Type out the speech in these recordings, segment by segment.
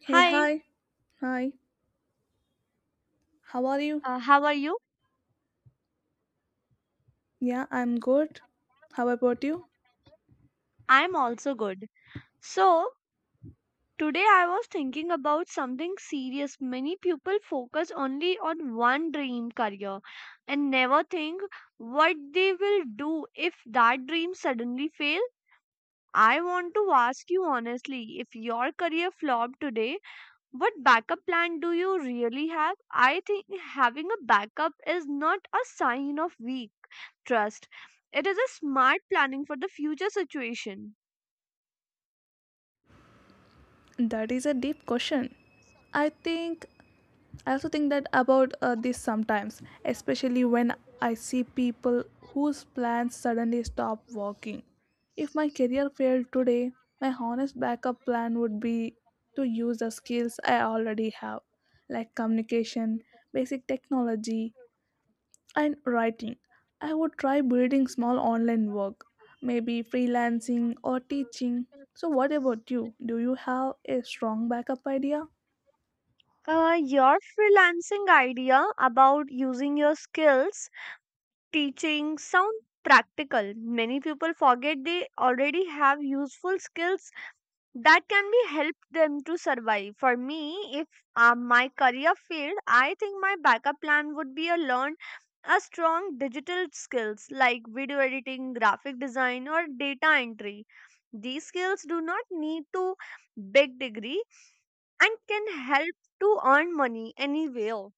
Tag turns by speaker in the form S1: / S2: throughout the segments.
S1: Hey,
S2: Hi,
S1: hi. Hi. How are you?
S2: how are you?
S1: Yeah, I'm good. How about you?
S2: I'm also good. So, today I was thinking about something serious. Many people focus only on one dream career and never think what they will do if that dream suddenly fail. I want to ask you honestly, if your career flopped today, what backup plan do you really have? I think having a backup is not a sign of weak trust. It is a smart planning for the future situation.
S1: That is a deep question. I think I also think that about this sometimes, especially when I see people whose plans suddenly stop working. If my career failed today, my honest backup plan would be to use the skills I already have, like communication, basic technology, and writing. I would try building small online work, maybe freelancing or teaching. So, what about you? Do you have a strong backup idea?
S2: Your freelancing idea about using your skills teaching sound practical. Many people forget they already have useful skills that can be help them to survive for me if my career failed, I think my backup plan would be a learn a strong digital skills like video editing, graphic design, or data entry. These skills do not need to big degree and can help to earn money anywhere.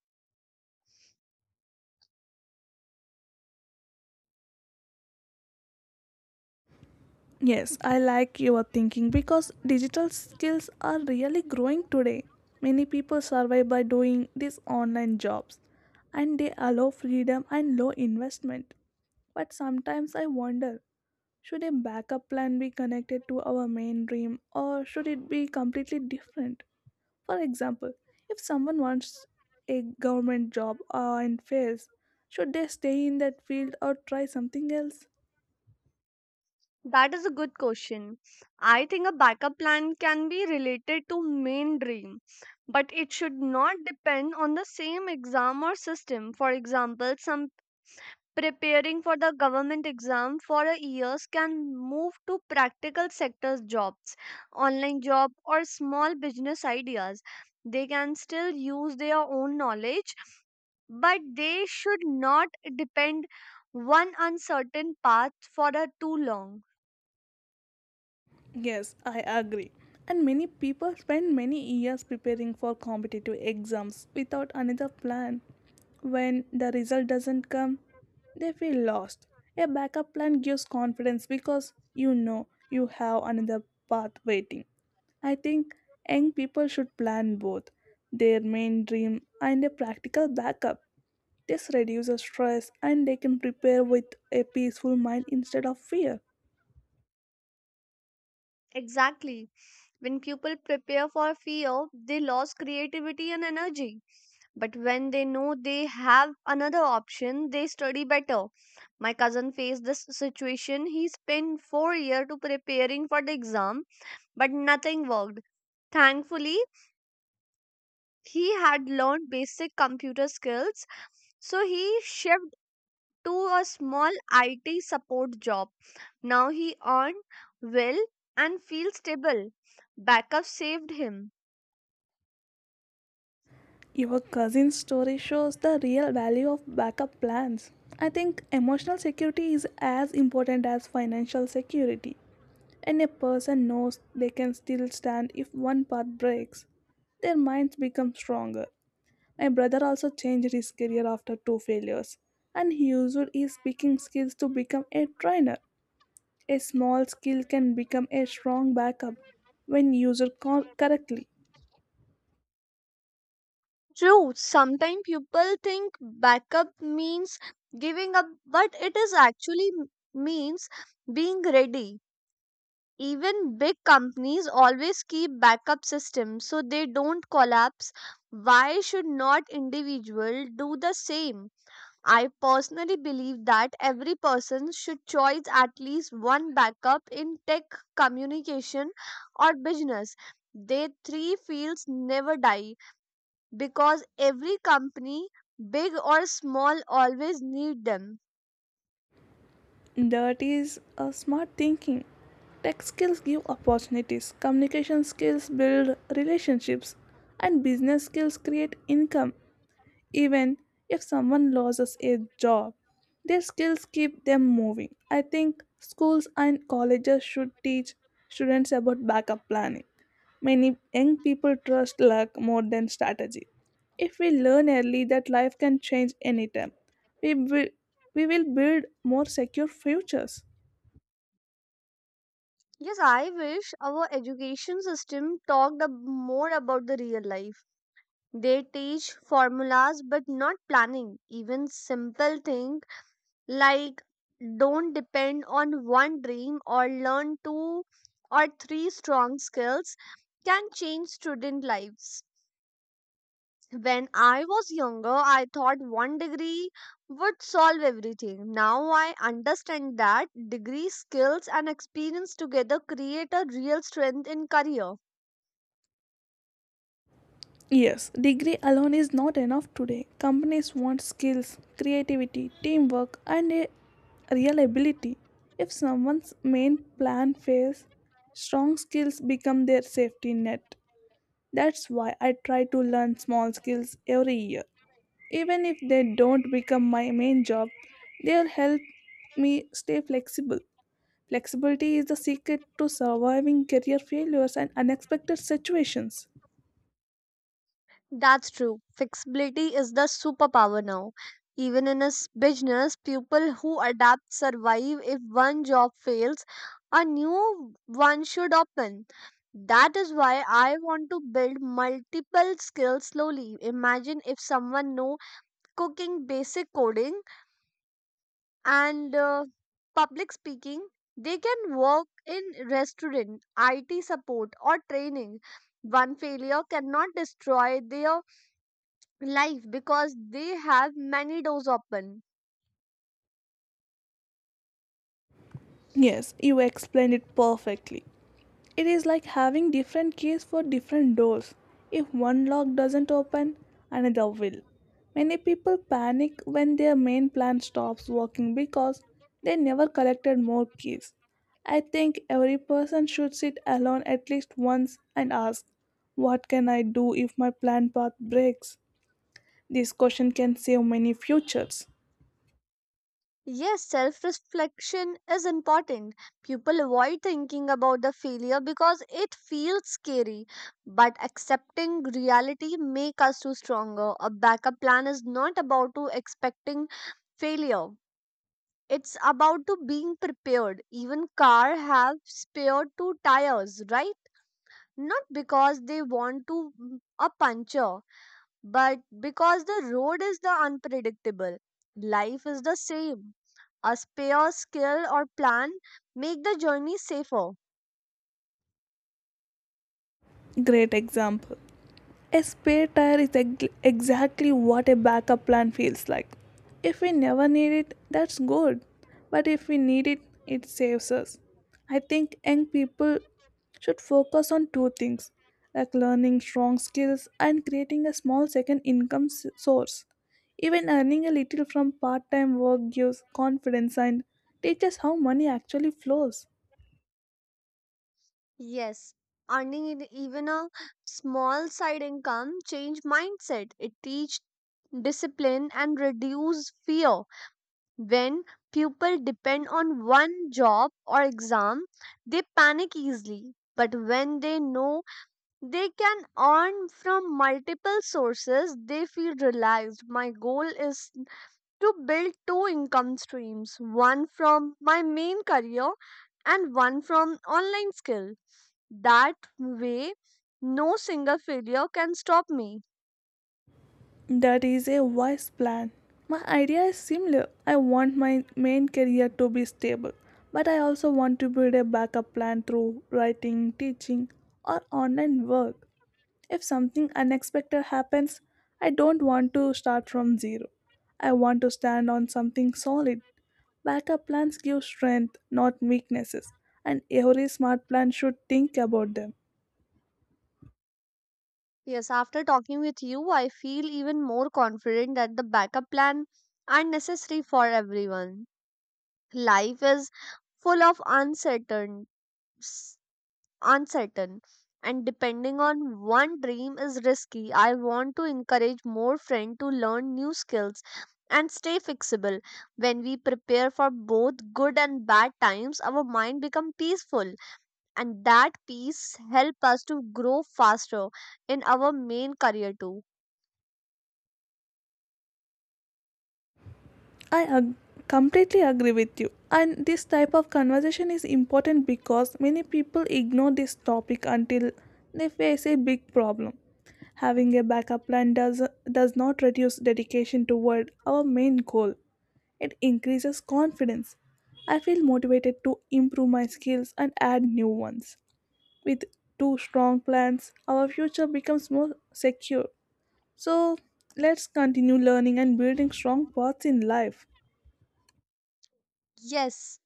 S1: Yes, I like your thinking because digital skills are really growing today. Many people survive by doing these online jobs and they allow freedom and low investment. But sometimes I wonder should a backup plan be connected to our main dream or should it be completely different? For example, if someone wants a government job and fails, should they stay in that field or try something else?
S2: That is a good question. I think a backup plan can be related to main dream, but it should not depend on the same exam or system. For example, some preparing for the government exam for a years can move to practical sectors jobs, online job, or small business ideas. They can still use their own knowledge, but they should not depend one uncertain path for a too long.
S1: Yes, I agree. And many people spend many years preparing for competitive exams without another plan. When the result doesn't come, they feel lost. A backup plan gives confidence because you know you have another path waiting. I think young people should plan both their main dream and a practical backup. This reduces stress and they can prepare with a peaceful mind instead of fear.
S2: Exactly. When people prepare for fear, they lose creativity and energy. But when they know they have another option, they study better. My cousin faced this situation. He spent 4 years to preparing for the exam, but nothing worked. Thankfully, he had learned basic computer skills, so he shifted to a small IT support job. Now he earned well and feels stable. Backup saved him.
S1: Your cousin's story shows the real value of backup plans. I think emotional security is as important as financial security, and a person knows they can still stand if one part breaks. Their minds become stronger. My brother also changed his career after two failures, and he used his speaking skills to become a trainer. A small skill can become a strong backup when used correctly.
S2: True, sometimes people think backup means giving up, but it is actually means being ready. Even big companies always keep backup systems so they don't collapse. Why should not individual do the same? I personally believe that every person should choose at least one backup in tech, communication, or business. They three fields never die because every company, big or small, always need them.
S1: That is a smart thinking. Tech skills give opportunities, communication skills build relationships, and business skills create income. Even if someone loses a job, their skills keep them moving. I think schools and colleges should teach students about backup planning. Many young people trust luck more than strategy. If we learn early that life can change anytime, we will, we will build more secure futures.
S2: Yes, I wish our education system talked more about the real life. They teach formulas but not planning. Even simple things like, don't depend on one dream or learn two or three strong skills can change student lives. When I was younger, I thought one degree would solve everything. Now I understand that degree, skills, and experience together create a real strength in career.
S1: Yes, degree alone is not enough today. Companies want skills, creativity, teamwork, and a real ability. If someone's main plan fails, strong skills become their safety net. That's why I try to learn small skills every year. Even if they don't become my main job, they'll help me stay flexible. Flexibility is the secret to surviving career failures and unexpected situations.
S2: That's true. Flexibility is the superpower now. Even in a business, people who adapt survive. If one job fails, a new one should open. That is why I want to build multiple skills slowly. Imagine if someone know cooking, basic coding, and public speaking, they can work in restaurant, IT support, or training. One failure cannot destroy their life because they have many doors open.
S1: Yes, you explained it perfectly. It is like having different keys for different doors. If one lock doesn't open, another will. Many people panic when their main plan stops working because they never collected more keys. I think every person should sit alone at least once and ask, what can I do if my plan path breaks? This question can save many futures.
S2: Yes, self reflection is important. People avoid thinking about the failure because it feels scary. But accepting reality makes us too stronger. A backup plan is not about to expecting failure. It's about to being prepared. Even car have spare two tires, right? Not because they want to a puncture, but because the road is the unpredictable; life is the same. A spare skill or plan make the journey safer.
S1: Great example. A spare tire is exactly what a backup plan feels like. If we never need it, that's good. But if we need it, it saves us. I think young people should focus on two things like learning strong skills and creating a small second income source. Even earning a little from part time work gives confidence and teaches how money actually flows.
S2: Yes, earning even a small side income change mindset. It teach discipline and reduce fear. When people depend on one job or exam, they panic easily. But when they know they can earn from multiple sources, they feel relaxed. My goal is to build two income streams, one from my main career and one from online skill. That way, no single failure can stop me.
S1: That is a wise plan. My idea is similar. I want my main career to be stable, but I also want to build a backup plan through writing, teaching, or online work. If something unexpected happens, I don't want to start from zero. I want to stand on something solid. Backup plans give strength, not weaknesses, and every smart plan should think about them.
S2: Yes, after talking with you, I feel even more confident that the backup plan are necessary for everyone. Life is full of uncertainties uncertain, and depending on one dream is risky. I want to encourage more friends to learn new skills and stay flexible. When we prepare for both good and bad times, our mind become peaceful, and that peace help us to grow faster in our main career too.
S1: I completely agree with you. And this type of conversation is important because many people ignore this topic until they face a big problem. Having a backup plan does not reduce dedication toward our main goal, it increases confidence. I feel motivated to improve my skills and add new ones. With two strong plans, our future becomes more secure. So, let's continue learning and building strong paths in life.
S2: Yes.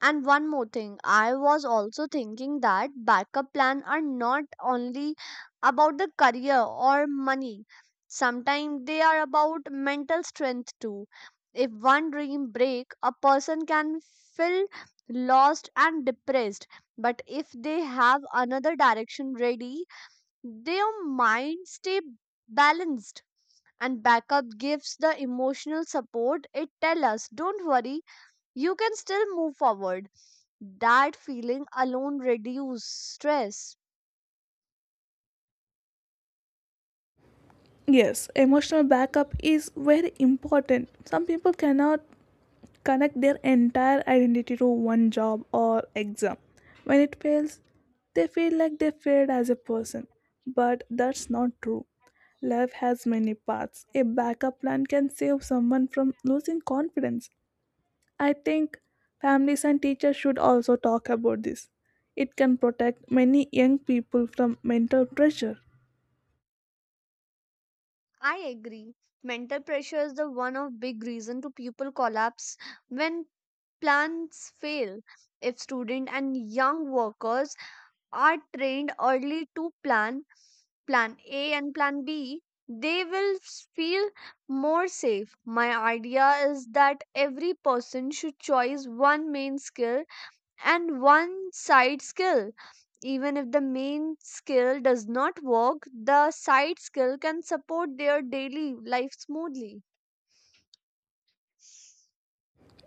S2: And one more thing, I was also thinking that backup plan are not only about the career or money. Sometimes they are about mental strength too. If one dream break, a person can feel lost and depressed. But if they have another direction ready, their mind stay balanced. And backup gives the emotional support. It tell us, don't worry, you can still move forward. That feeling alone reduces stress.
S1: Yes, emotional backup is very important. Some people cannot connect their entire identity to one job or exam. When it fails, they feel like they failed as a person. But that's not true. Life has many paths. A backup plan can save someone from losing confidence. I think families and teachers should also talk about this. It can protect many young people from mental pressure.
S2: I agree. Mental pressure is the one of big reason to people collapse when plans fail. If student and young workers are trained early to plan A and plan B, they will feel more safe. My idea is that every person should choose one main skill and one side skill. Even if the main skill does not work, the side skill can support their daily life smoothly.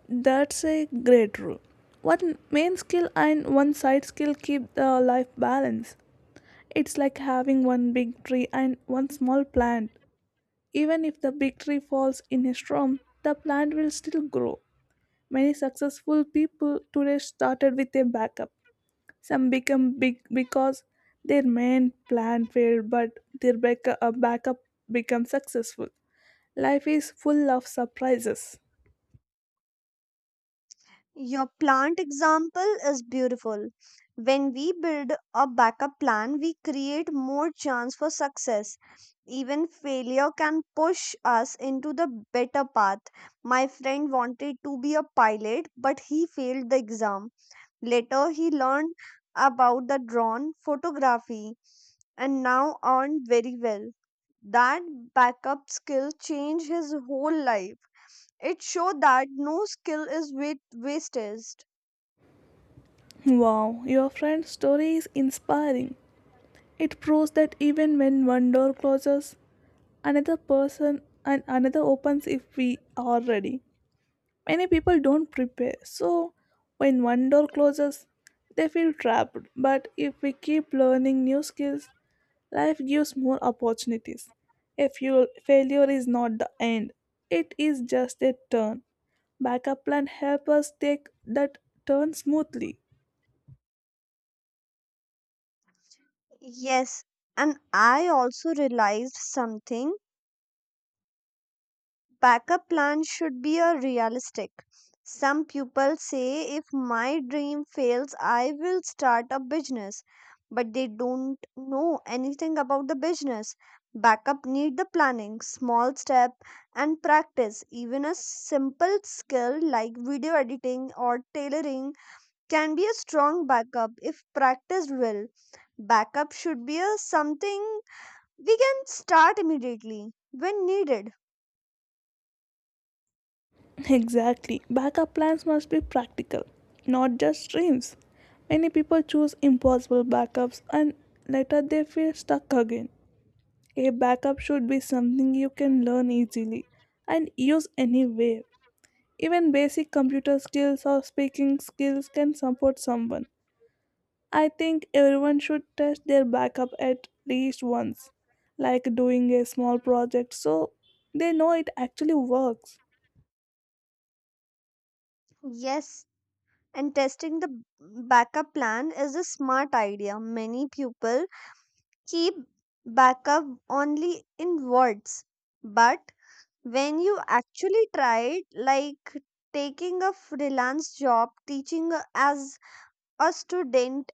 S1: That's a great rule. One main skill and one side skill keep the life balance. It's like having one big tree and one small plant. Even if the big tree falls in a storm, the plant will still grow. Many successful people today started with a backup. Some become big because their main plan failed, but their backup become successful. Life is full of surprises.
S2: Your plant example is beautiful. When we build a backup plan, we create more chance for success. Even failure can push us into the better path. My friend wanted to be a pilot, but he failed the exam. Later, he learned about the drone photography and now earned very well. That backup skill changed his whole life. It showed that no skill is wasted.
S1: Wow, your friend's story is inspiring. It proves that even when one door closes, another person and another opens if we are ready. Many people don't prepare, so when one door closes, they feel trapped. But if we keep learning new skills, life gives more opportunities. A fuel failure is not the end, it is just a turn. Backup plan helps us take that turn smoothly.
S2: Yes, and I also realized something. Backup plans should be a realistic. Some people say, if my dream fails, I will start a business, but they don't know anything about the business. Backup need the planning, small step, and practice. Even a simple skill like video editing or tailoring can be a strong backup if practiced well. Backup should be a something we can start immediately when needed.
S1: Exactly. Backup plans must be practical, not just dreams. Many people choose impossible backups and later they feel stuck again. A backup should be something you can learn easily and use anywhere. Even basic computer skills or speaking skills can support someone. I think everyone should test their backup at least once, like doing a small project so they know it actually works.
S2: Yes, and testing the backup plan is a smart idea. Many people keep backup only in words, but when you actually try it, like taking a freelance job, teaching as a student,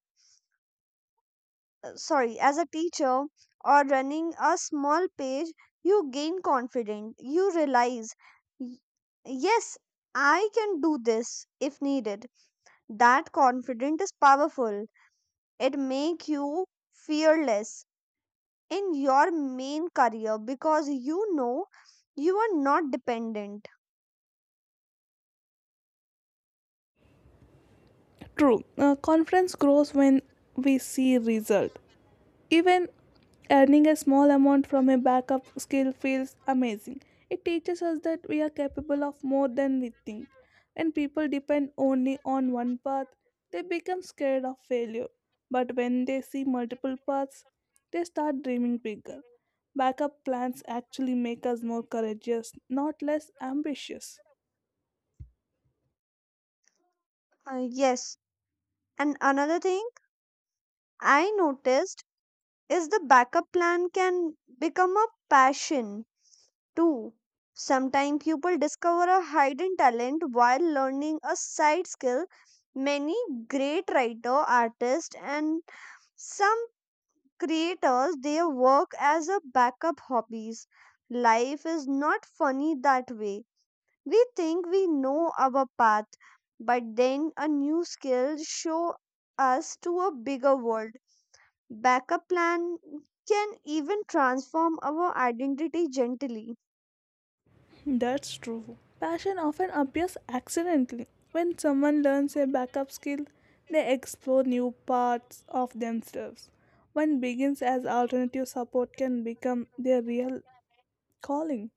S2: sorry, as a teacher, or running a small page, you gain confidence. You realize, Yes, I can do this if needed." That confidence is powerful. It make you fearless in your main career because you know you are not dependent.
S1: True, confidence grows when we see result. Even earning a small amount from a backup skill feels amazing. It teaches us that we are capable of more than we think. When people depend only on one path, they become scared of failure. But when they see multiple paths, they start dreaming bigger. Backup plans actually make us more courageous, not less ambitious.
S2: Yes, and another thing I noticed is the backup plan can become a passion too. Sometimes people discover a hidden talent while learning a side skill. Many great writer, artists, and some creators, they work as a backup hobbies. Life is not funny that way. We think we know our path, but then a new skill show us to a bigger world. Backup plan can even transform our identity gently.
S1: That's true. Passion often appears accidentally. When someone learns a backup skill, they explore new parts of themselves. One begins as alternative support can become their real calling.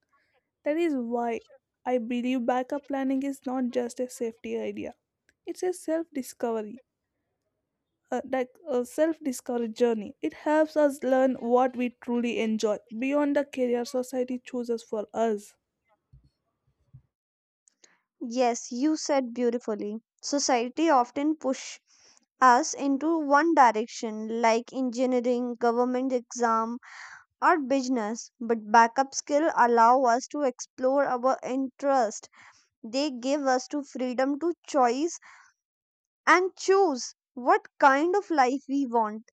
S1: That is why I believe backup planning is not just a safety idea. It's a like a self-discovery journey. It helps us learn what we truly enjoy beyond the career society chooses for us.
S2: Yes, you said beautifully. Society often push us into one direction like engineering, government exam, not business, but backup skill allow us to explore our interest. They give us to freedom to choice and choose what kind of life we want.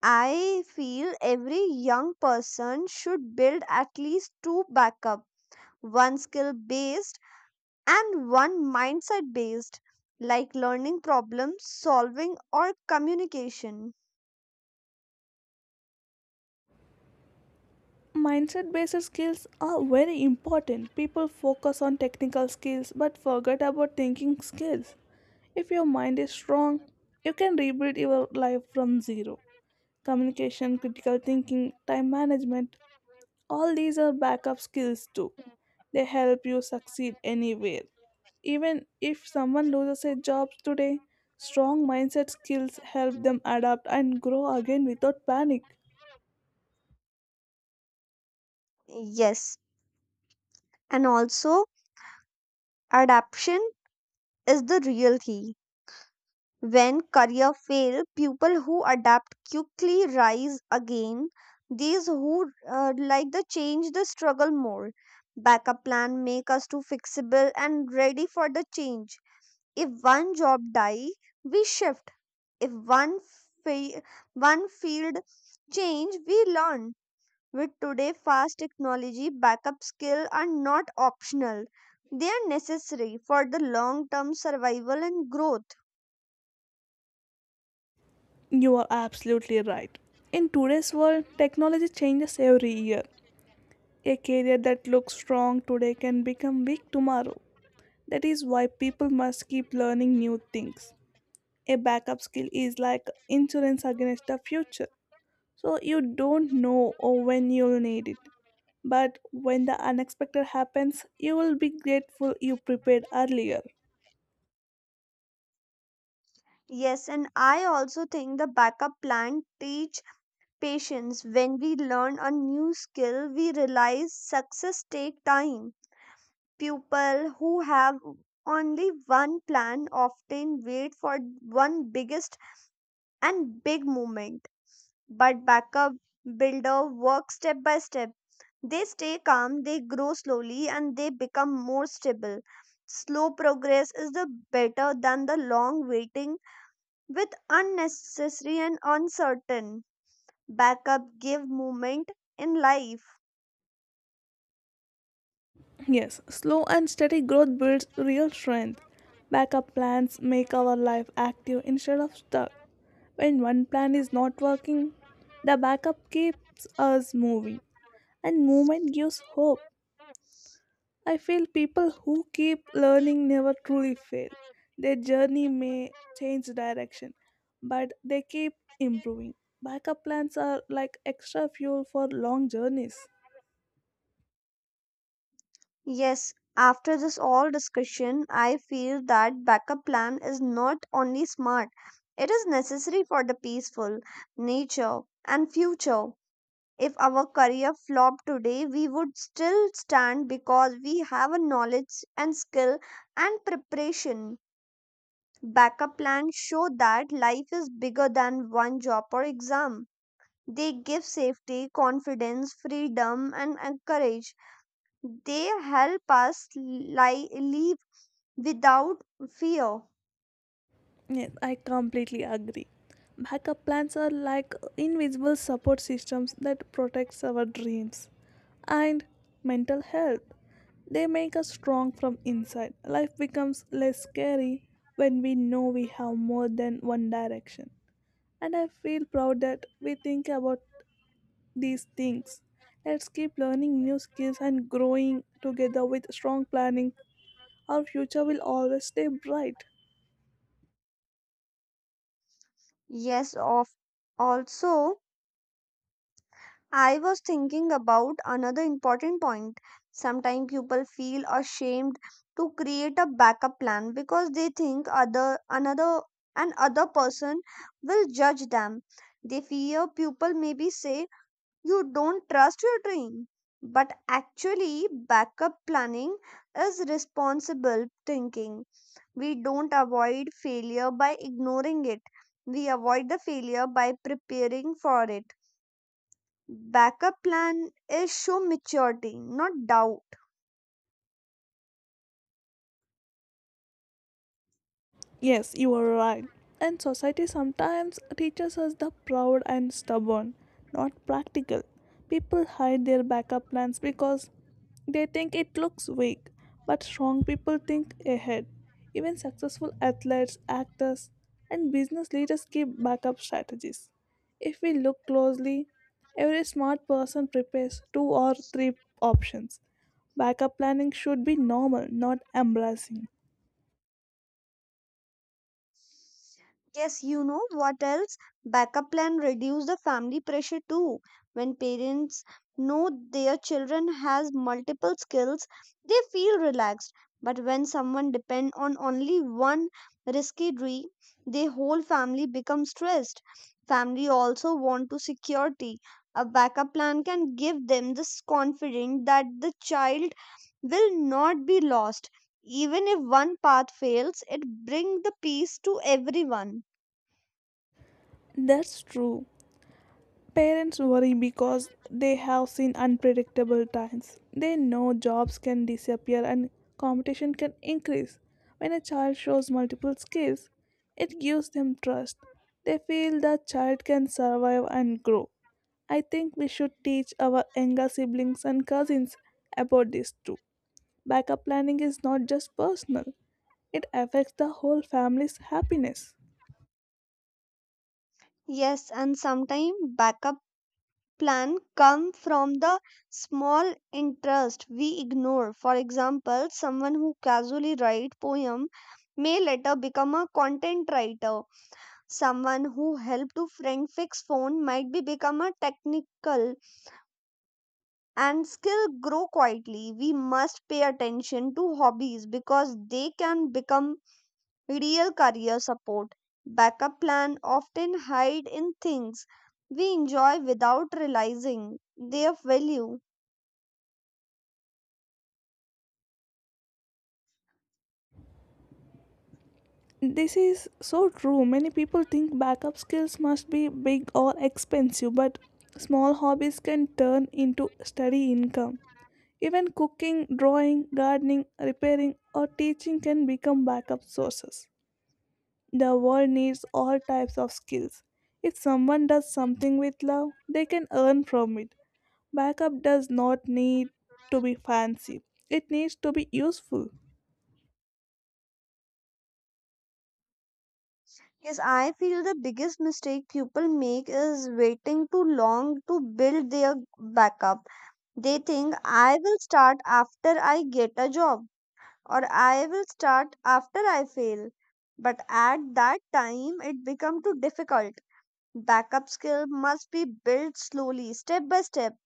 S2: I feel every young person should build at least two backup, one skill based and one mindset based, like learning problem solving or communication.
S1: Mindset based skills are very important. People focus on technical skills but forget about thinking skills. If your mind is strong, you can rebuild your life from zero. Communication, critical thinking, time management, all these are backup skills too. They help you succeed anywhere. Even if someone loses a job today, strong mindset skills help them adapt and grow again without panic.
S2: Yes, and also adaptation is the real key. When career fail, people who adapt quickly rise again. These who like the change, the struggle more. Backup plan make us to fixable and ready for the change. If one job die, we shift. If one fa- one field change, we learn. With today fast technology, backup skill are not optional. They are necessary for the long term survival and growth.
S1: You are absolutely right. In today's world, technology changes every year. A career that looks strong today can become weak tomorrow. That is why people must keep learning new things. A backup skill is like insurance against the future. So you don't know or when you'll need it. But when the unexpected happens, you will be grateful you prepared earlier.
S2: Yes, and I also think the backup plan teach patience. When we learn a new skill, we realize success take time. People who have only one plan often wait for one biggest and big moment. But backup builder work step by step. They stay calm, they grow slowly, and they become more stable. Slow progress is the better than the long waiting with unnecessary and uncertain. Backup give movement in life.
S1: Yes, slow and steady growth builds real strength. Backup plans make our life active instead of stuck. When one plan is not working, the backup keeps us moving, and movement gives hope. I feel people who keep learning never truly fail. Their journey may change direction, but they keep improving. Backup plans are like extra fuel for long journeys.
S2: Yes, after this all discussion, I feel that backup plan is not only smart, it is necessary for the peaceful nature and future. If our career flopped today, we would still stand because we have a knowledge and skill and preparation. Backup plans show that life is bigger than one job or exam. They give safety, confidence, freedom, and courage. They help us live without fear.
S1: Yes, I completely agree. Backup plans are like invisible support systems that protects our dreams and mental health. They make us strong from inside. Life becomes less scary when we know we have more than one direction. And I feel proud that we think about these things. Let's keep learning new skills and growing together with strong planning. Our future will always stay bright.
S2: Yes, of also, I was thinking about another important point. Sometimes people feel ashamed to create a backup plan because they think other another an other person will judge them. They fear people maybe say you don't trust your dream, but actually backup planning is responsible thinking. We don't avoid failure by ignoring it, we avoid the failure by preparing for it. Backup plan is show maturity, not doubt.
S1: Yes, you are right. And society sometimes teaches us the proud and stubborn, not practical. People hide their backup plans because they think it looks weak, but strong people think ahead. Even successful athletes, actors, and business leaders keep backup strategies. If we look closely, every smart person prepares two or three options. Backup planning should be normal, not embarrassing.
S2: Yes, you know what else? Backup plan reduce the family pressure too. When parents know their children has multiple skills, they feel relaxed. But when someone depend on only one risky dream, their whole family becomes stressed. Family also want to security. A backup plan can give them this confidence that the child will not be lost. Even if one path fails, it brings the peace to everyone.
S1: That's true. Parents worry because they have seen unpredictable times. They know jobs can disappear and competition can increase. When a child shows multiple skills, it gives them trust. They feel the child can survive and grow. I think we should teach our younger siblings and cousins about this too. Backup planning is not just personal, it affects the whole family's happiness.
S2: Yes, and sometimes backup plan come from the small interest we ignore. For example, someone who casually write poem may later become a content writer. Someone who helped to friend fix phone might be become a technical, and skill grow quietly. We must pay attention to hobbies because they can become real career support. Backup plan often hide in things we enjoy without realizing their value.
S1: This is so true. Many people think backup skills must be big or expensive, but small hobbies can turn into steady income. Even cooking, drawing, gardening, repairing, or teaching can become backup sources. The world needs all types of skills. If someone does something with love, they can earn from it. Backup does not need to be fancy, it needs to be useful.
S2: Yes, I feel the biggest mistake people make is waiting too long to build their backup. They think I will start after I get a job or I will start after I fail. But at that time, it become too difficult. Backup skill must be built slowly, step by step.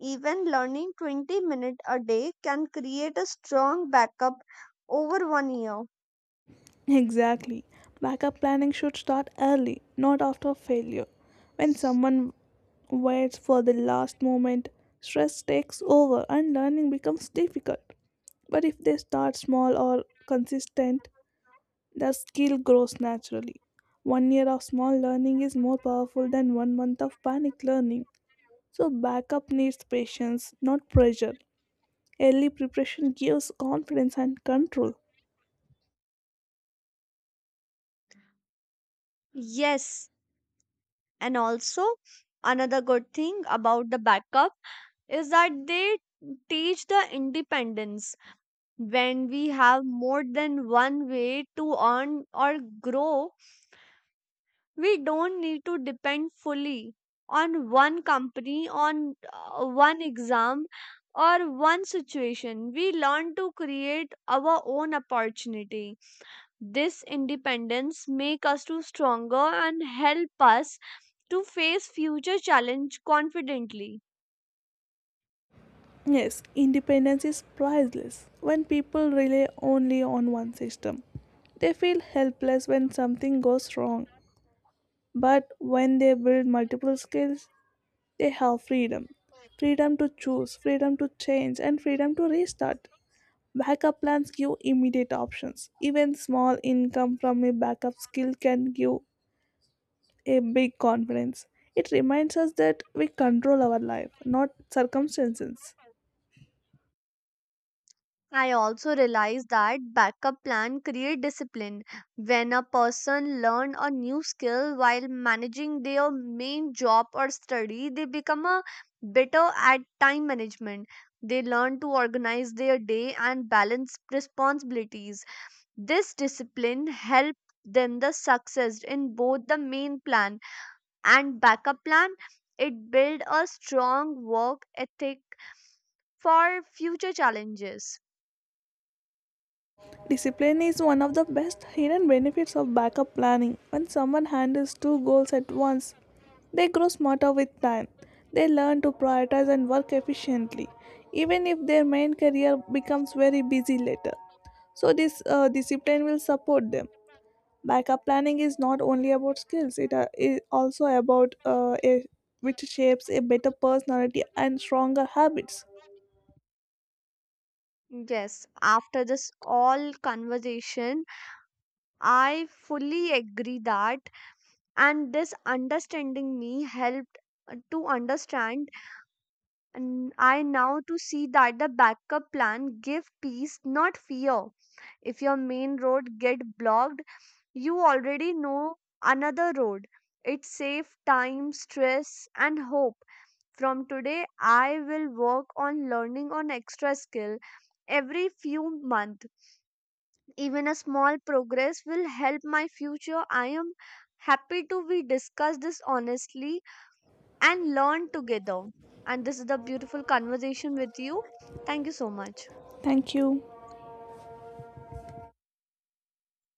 S2: Even learning 20 minutes a day can create a strong backup over one year.
S1: Exactly. Backup planning should start early, not after failure. When someone waits for the last moment, stress takes over and learning becomes difficult. But if they start small or consistent, their skill grows naturally. One year of small learning is more powerful than one month of panic learning. So, backup needs patience, not pressure. Early preparation gives confidence and control.
S2: Yes, and also another good thing about the backup is that they teach the independence. When we have more than one way to earn or grow, we don't need to depend fully on one company, on one exam, or one situation. We learn to create our own opportunity. This independence make us to stronger and help us to face future challenge confidently.
S1: Yes, independence is priceless when people rely only on one system. They feel helpless when something goes wrong, but when they build multiple skills, they have freedom. Freedom to choose, freedom to change, and freedom to restart. Backup plans give immediate options. Even small income from a backup skill can give a big confidence. It reminds us that we control our life, not circumstances.
S2: I also realize that backup plan create discipline. When a person learn a new skill while managing their main job or study, they become a better at time management. They learn to organize their day and balance responsibilities. This discipline help them the success in both the main plan and backup plan. It build a strong work ethic for future challenges.
S1: Discipline is one of the best hidden benefits of backup planning. When someone handles two goals at once, they grow smarter with time. They learn to prioritize and work efficiently, even if their main career becomes very busy later. So, this discipline will support them. Backup planning is not only about skills, it is also about which shapes a better personality and stronger habits.
S2: Yes, after this all conversation, I fully agree that, and this understanding me helped to understand, and I now to see that the backup plan give peace, not fear. If your main road get blocked, you already know another road. It save time, stress, and hope. From today, I will work on learning on extra skill every few month. Even a small progress will help my future. I am happy to we discuss this honestly and learn together. And this is the beautiful conversation with you. Thank you so much.
S1: Thank you.